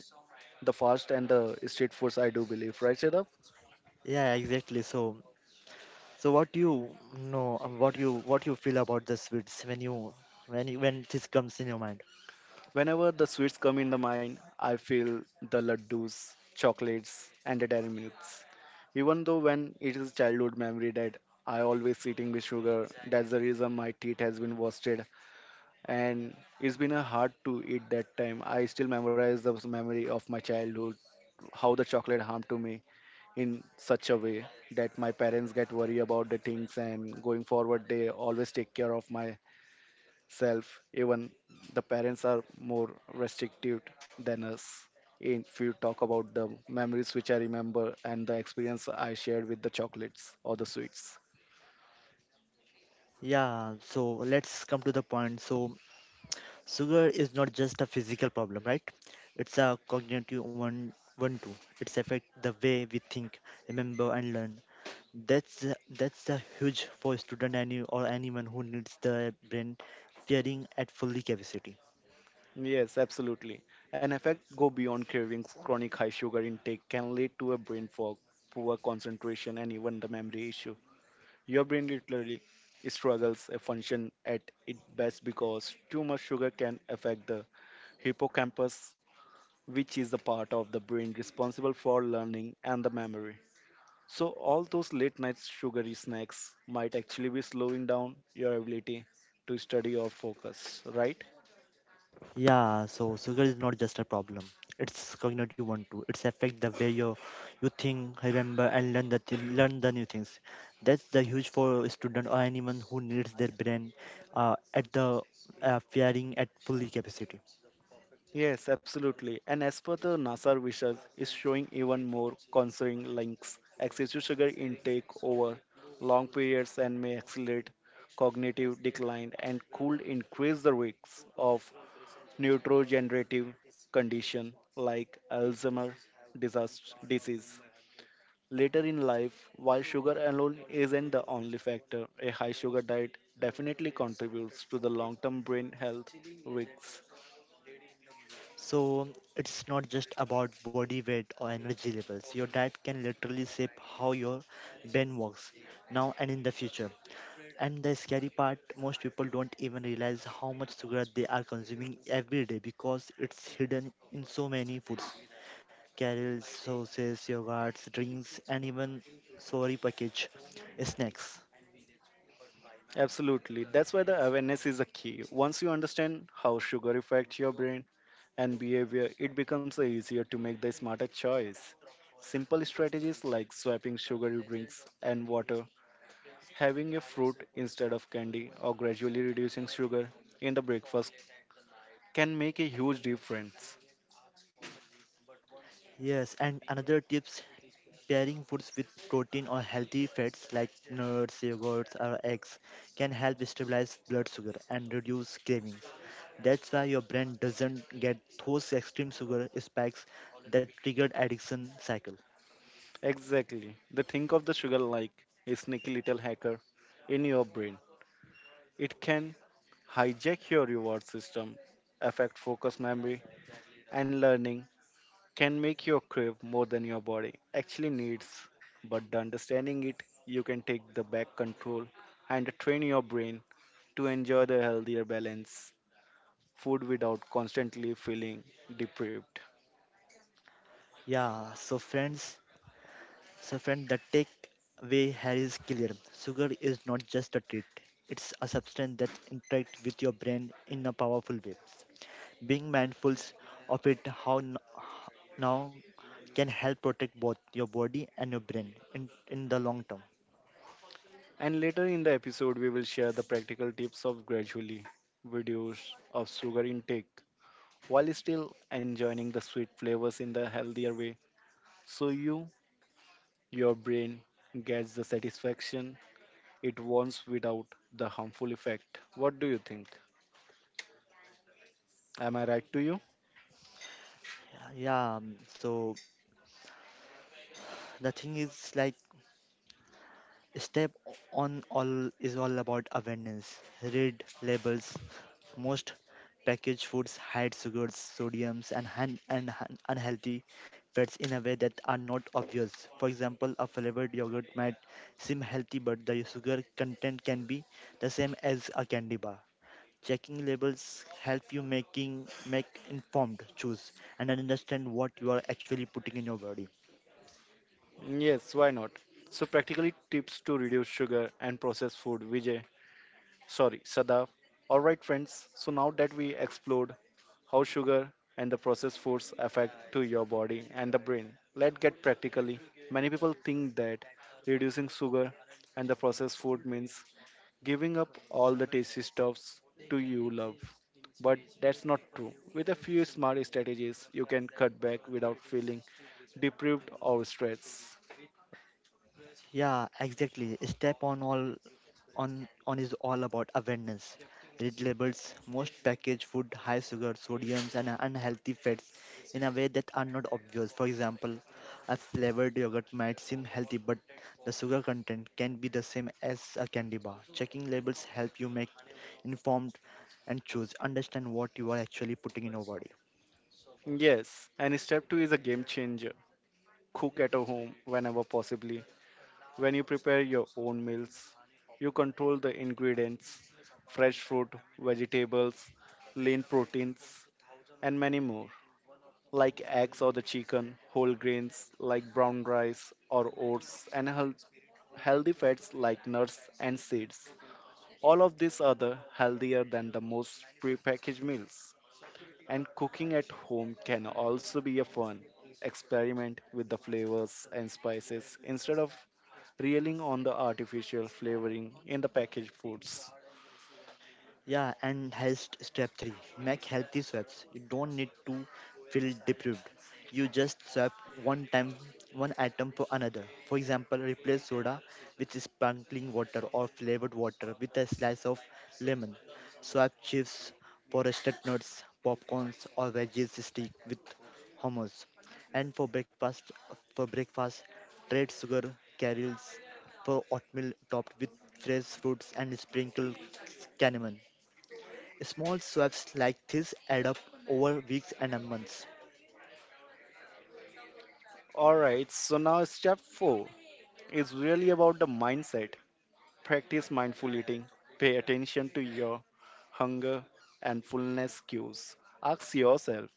the fast and the street foods, I do believe, right, Shadab?
Yeah, exactly. So so what you know, what you feel about the sweets when you, when this comes in your mind.
Whenever the sweets come in the mind, I feel the laddus, chocolates, and the dairy milks. Even though when it is childhood memory that I always eating with sugar, that's the reason my teeth has been wasted and it's been a hard to eat that time. I still memorize the memory of my childhood, how the chocolate harmed to me in such a way that my parents get worried about the things and going forward they always take care of my self. Even the parents are more restrictive than us. If you talk about the memories which I remember and the experience I shared with the chocolates or the sweets.
Yeah. So let's come to the point. So sugar is not just a physical problem, right? It's a cognitive one too. It's affect the way we think, remember, and learn. That's a huge for student any or anyone who needs the brain firing at fully capacity.
Yes, absolutely. An effect go beyond cravings. Chronic high sugar intake can lead to a brain fog, poor concentration, and even the memory issue. Your brain literally struggles a function at its best because too much sugar can affect the hippocampus which is the part of the brain responsible for learning and the memory. So, all those late night sugary snacks might actually be slowing down your ability to study or focus, right?
Yeah, so sugar is not just a problem. It's cognitive one too. It's affect the way you think, remember, and learn the new things. That's the huge for a student or anyone who needs their brain at the firing at fully capacity.
Yes, absolutely. And as per the NASA research, is showing even more concerning links. Excessive sugar intake over long periods and may accelerate cognitive decline and could increase the risks of neurodegenerative condition like Alzheimer's disease. Later in life, while sugar alone isn't the only factor, a high sugar diet definitely contributes to the long term brain health risks.
So it's not just about body weight or energy levels. Your diet can literally shape how your brain works now and in the future. And the scary part, most people don't even realize how much sugar they are consuming every day because it's hidden in so many foods. Cereals, sauces, yogurts, drinks, and even sorry package snacks.
Absolutely. That's why the awareness is a key. Once you understand how sugar affects your brain and behavior, it becomes easier to make the smarter choice. Simple strategies like swapping sugary drinks and water, having a fruit instead of candy, or gradually reducing sugar in the breakfast can make a huge difference.
Yes, and another tips pairing foods with protein or healthy fats like nuts, yogurts, or eggs can help stabilize blood sugar and reduce cravings. That's why your brain doesn't get those extreme sugar spikes that triggered addiction cycle.
Exactly. The think of the sugar like a sneaky little hacker in your brain. It can hijack your reward system, affect focus memory, and learning can make your crave more than your body actually needs. But the understanding it, you can take the back control and train your brain to enjoy the healthier balance food without constantly feeling deprived.
Yeah, so friend, the takeaway here is clear. Sugar is not just a treat; it's a substance that interacts with your brain in a powerful way. Being mindful of it, now can help protect both your body and your brain in the long term.
And later in the episode, we will share the practical tips of gradually reduce of sugar intake while still enjoying the sweet flavors in the healthier way. So you, your brain gets the satisfaction it wants without the harmful effect. What do you think? Am I right to you?
Yeah, so the thing is like step on all is all about awareness. Read labels. Most packaged foods hide sugars, sodiums, and unhealthy fats in a way that are not obvious. For example, a flavored yogurt might seem healthy, but the sugar content can be the same as a candy bar. Checking labels help you making make informed choose and understand what you are actually putting in your body.
Yes, why not? So practically tips to reduce sugar and processed food, Vijay. Sorry, Sadaf. Alright friends, so now that we explored how sugar and the processed foods affect to your body and the brain. Let's get practically. Many people think that reducing sugar and the processed food means giving up all the tasty stuffs to you love. But that's not true. With a few smart strategies, you can cut back without feeling deprived or stressed.
Yeah, exactly. Step on all On is all about awareness. Read labels most packaged food, high sugar, sodiums, and unhealthy fats in a way that are not obvious. For example, a flavored yogurt might seem healthy, but the sugar content can be the same as a candy bar. Checking labels help you make informed and choose. Understand what you are actually putting in your body.
Yes, and step 2 is a game changer. Cook at home whenever possibly. When you prepare your own meals, you control the ingredients, fresh fruit, vegetables, lean proteins, and many more, like eggs or the chicken, whole grains like brown rice or oats, and health, healthy fats like nuts and seeds. All of these are the healthier than the most prepackaged meals. And cooking at home can also be a fun experiment with the flavors and spices instead of reeling on the artificial flavoring in the packaged foods.
Yeah, and health step three make healthy swaps. You don't need to feel deprived. You just swap one time, one item for another. For example, replace soda with sparkling water or flavored water with a slice of lemon. Swap chips for roasted nuts, popcorns, or veggies stick with hummus. And for breakfast, trade sugar caramels for oatmeal topped with fresh fruits and sprinkle cinnamon. Small swabs like this add up over weeks and months.
Alright, so now step 4 is really about the mindset. Practice mindful eating, pay attention to your hunger and fullness cues. Ask yourself,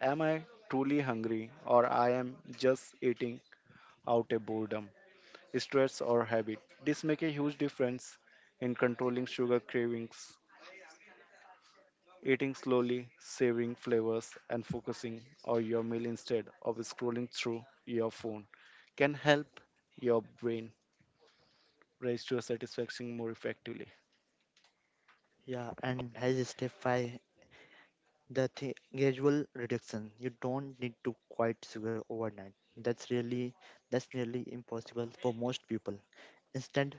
am I truly hungry or I am just eating out of boredom, stress or habit? This make a huge difference in controlling sugar cravings. Eating slowly, savoring flavors, and focusing on your meal instead of scrolling through your phone can help your brain raise to a satisfaction more effectively.
Yeah, and as step five, gradual reduction. You don't need to quit sugar overnight. That's nearly impossible for most people. Instead,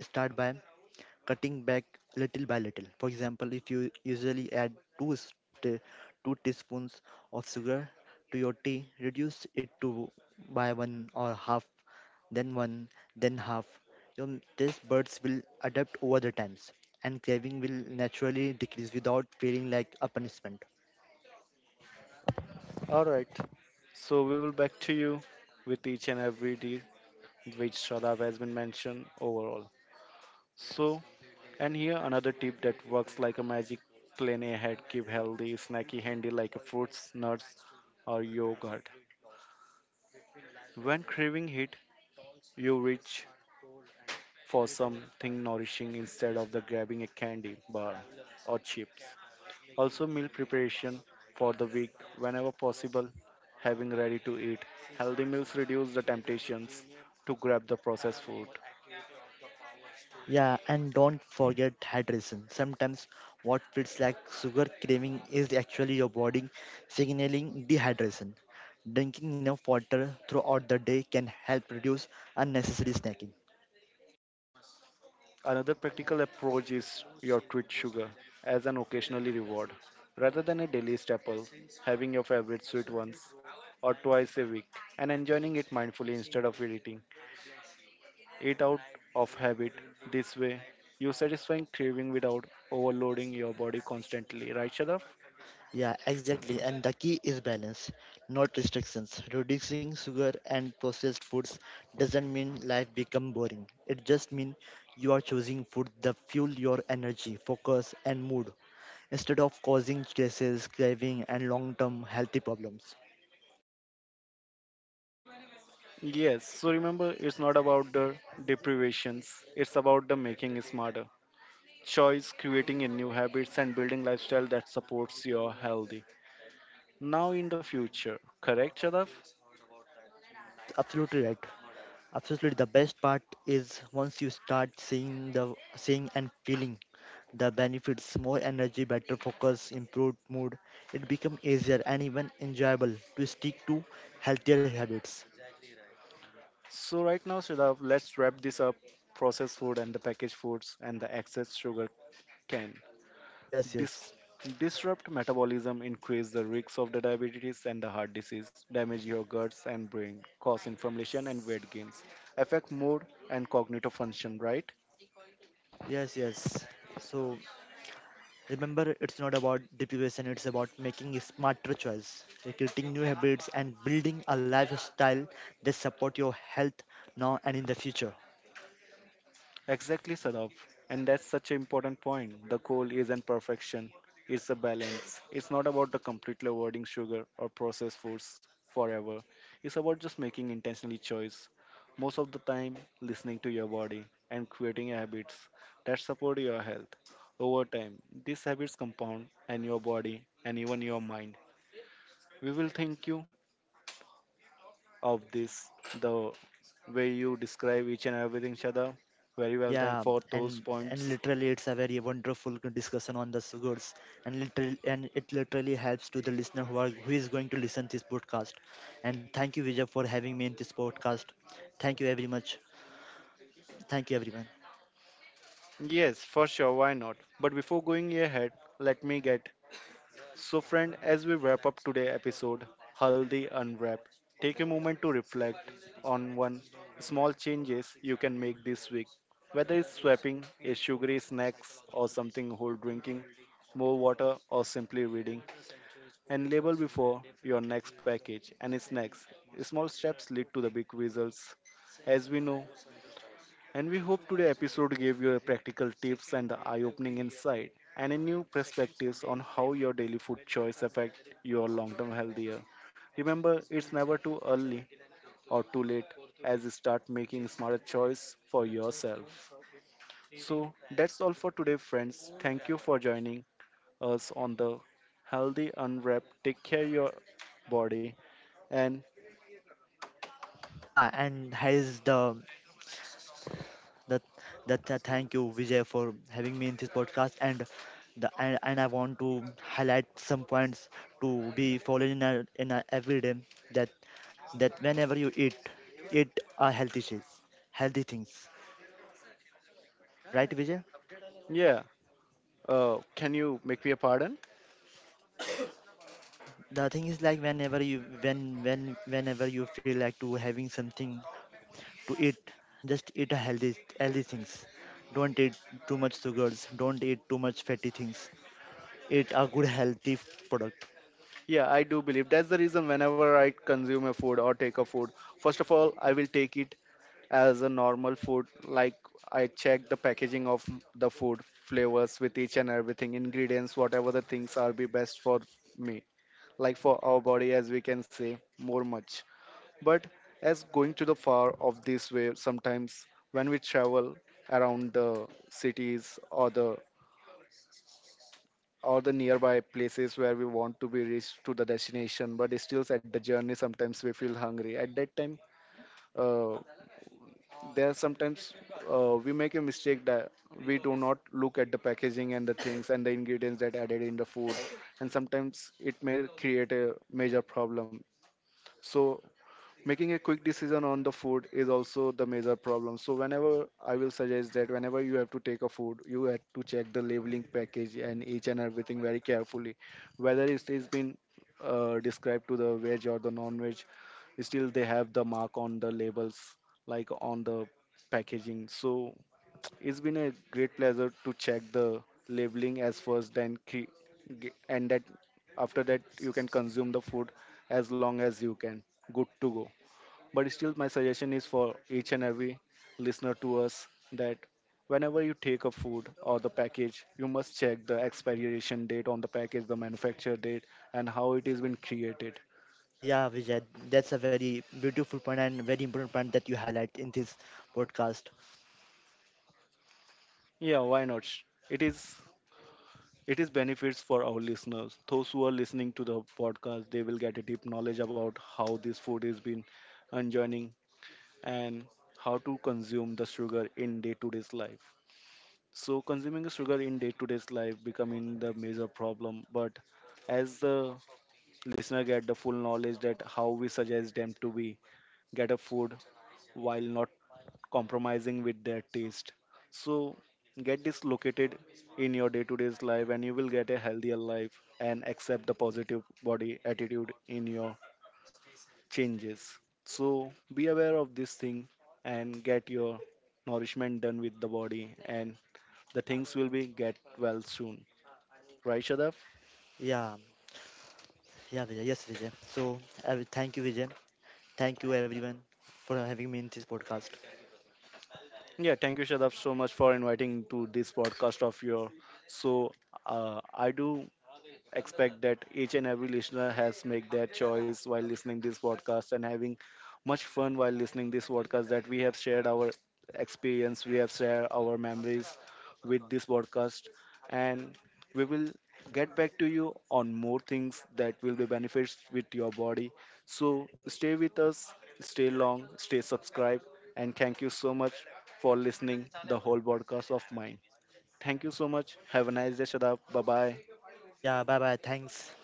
start by cutting back little by little. For example, if you usually add two, st- two teaspoons of sugar to your tea, reduce it to by one or half, then one, then half. Your taste buds will adapt over the times, and craving will naturally decrease without feeling like a punishment.
All right, so we will back to you with each and every deal which Shadab has been mentioned overall. So, and here another tip that works like a magic plan ahead keep healthy, snacky, handy like a fruits, nuts, or yogurt. When craving hit, you reach for something nourishing instead of the grabbing a candy bar or chips. Also, meal preparation for the week whenever possible, having ready to eat. Healthy meals reduce the temptations to grab the processed food.
Yeah, and don't forget hydration. Sometimes what feels like sugar craving is actually your body signaling dehydration. Drinking enough water throughout the day can help reduce unnecessary snacking.
Another practical approach is your treat sugar as an occasionally reward. Rather than a daily staple, having your favorite sweet once or twice a week and enjoying it mindfully instead of eating. Eat out of habit. This way, you satisfying craving without overloading your body constantly, right, Sharaf?
Yeah, exactly. And the key is balance, not restrictions. Reducing sugar and processed foods doesn't mean life become boring. It just means you are choosing food that fuel your energy, focus, and mood instead of causing stresses, craving, and long term healthy problems.
Yes, so remember, it's not about the deprivations, it's about the making it smarter. Choice, creating a new habits, and building lifestyle that supports your healthy. Now in the future, correct, Shadav?
It's absolutely right. Absolutely, the best part is once you start seeing and feeling the benefits, more energy, better focus, improved mood. It becomes easier and even enjoyable to stick to healthier habits.
So right now, Shadav, let's wrap this up: processed food and the packaged foods and the excess sugar can.
Yes,
Dis-
yes,
Disrupt metabolism, increase the risks of the diabetes and the heart disease, damage your guts and brain, cause inflammation and weight gains, affect mood and cognitive function, right?
yes, yes. So remember, it's not about deprivation, it's about making a smarter choice, creating new habits, and building a lifestyle that support your health now and in the future.
Exactly, Sadaf. And that's such an important point. The goal isn't perfection, it's a balance. It's not about the completely avoiding sugar or processed foods forever. It's about just making intentionally choice. Most of the time, listening to your body and creating habits that support your health. Over time, these habits compound and your body and even your mind. We will thank you of this, the way you describe each and everything, Shada. Very well, thank
Yeah,
for those
and and
points.
literally, it's a very wonderful discussion on the sugars, and literally, and it literally helps to the listener who is going to listen this podcast. And thank you, Vijay, for having me in this podcast. Thank you very much. Thank you, everyone.
Yes, for sure, why not? But before going ahead, let me get. So, friend, as we wrap up today's episode, Haldi Unwrap, take a moment to reflect on one small changes you can make this week. Whether it's swapping a sugary snacks or something whole drinking, more water or simply reading, and label before your next package and snacks. Small steps lead to the big results. As we know, and we hope today's episode gave you a practical tips and the eye-opening insight and a new perspectives on how your daily food choice affect your long-term health. Year. Remember, it's never too early or too late as you start making smarter choice for yourself. So that's all for today, friends. Thank you for joining us on the Healthy Unwrapped. Take care your body and
Yeah, and here is the that that thank you, Vijay, for having me in this podcast and I want to highlight some points to be followed in our everyday. that that whenever you eat are healthy things, right, right, Vijay?
yeah, can you make me a pardon?
The thing is like whenever you when when whenever you feel like to having something to eat, just eat a healthy things, don't eat too much sugars, don't eat too much fatty things, eat a good healthy product.
Yeah, I do believe that's the reason whenever I consume a food or take a food, first of all, I will take it as a normal food. Like I check the packaging of the food, flavors with each and everything, ingredients, whatever the things are be best for me, like for our body, as we can say, more much. But as going to the far of this way, sometimes when we travel around the cities or the nearby places where we want to be reached to the destination but still at the journey sometimes we feel hungry at that time uh, there sometimes we make a mistake that we do not look at the packaging and the things and the ingredients that added in the food and sometimes it may create a major problem. So making a quick decision on the food is also the major problem. So whenever I will suggest that whenever you have to take a food you have to check the labeling package and each and everything very carefully, whether it is been described to the veg or the non-veg, still they have the mark on the labels like on the packaging. So *tsk* it's been a great pleasure to check the labeling as first, and that after that you can consume the food as long as you can good to go. But still, my suggestion is for each and every listener to us that whenever you take a food or the package, you must check the expiration date on the package, the manufacture date, and how it has been created.
Yeah, Vijay, that's a very beautiful point and very important point that you highlight in this podcast.
Yeah, why not? It is it is benefits for our listeners. Those who are listening to the podcast, they will get a deep knowledge about how this food is been enjoying and how to consume the sugar in day to day's life. So consuming sugar in day-to-day life becoming the major problem. But as the listener get the full knowledge that how we suggest them to be get a food while not compromising with their taste. So get this located in your day-to-day life and you will get a healthier life and accept the positive body attitude in your changes. So be aware of this thing and get your nourishment done with the body and the things will be get well soon. Right, Shadav?
Yeah, yeah, Vijay. Yes, Vijay. So, thank you, Vijay. Thank you, everyone, for having me in this podcast.
Yeah, thank you, Shadav, so much for inviting to this podcast of your. So, I do expect that each and every listener has made their choice while listening this podcast and having much fun while listening this podcast that we have shared our experience, we have shared our memories, with this podcast and we will get back to you on more things that will be benefits with your body. So stay with us, stay long, stay subscribed and thank you so much for listening the whole podcast of mine. Thank you so much. Have a nice day, Shadab. Bye bye.
Yeah, bye bye. Thanks.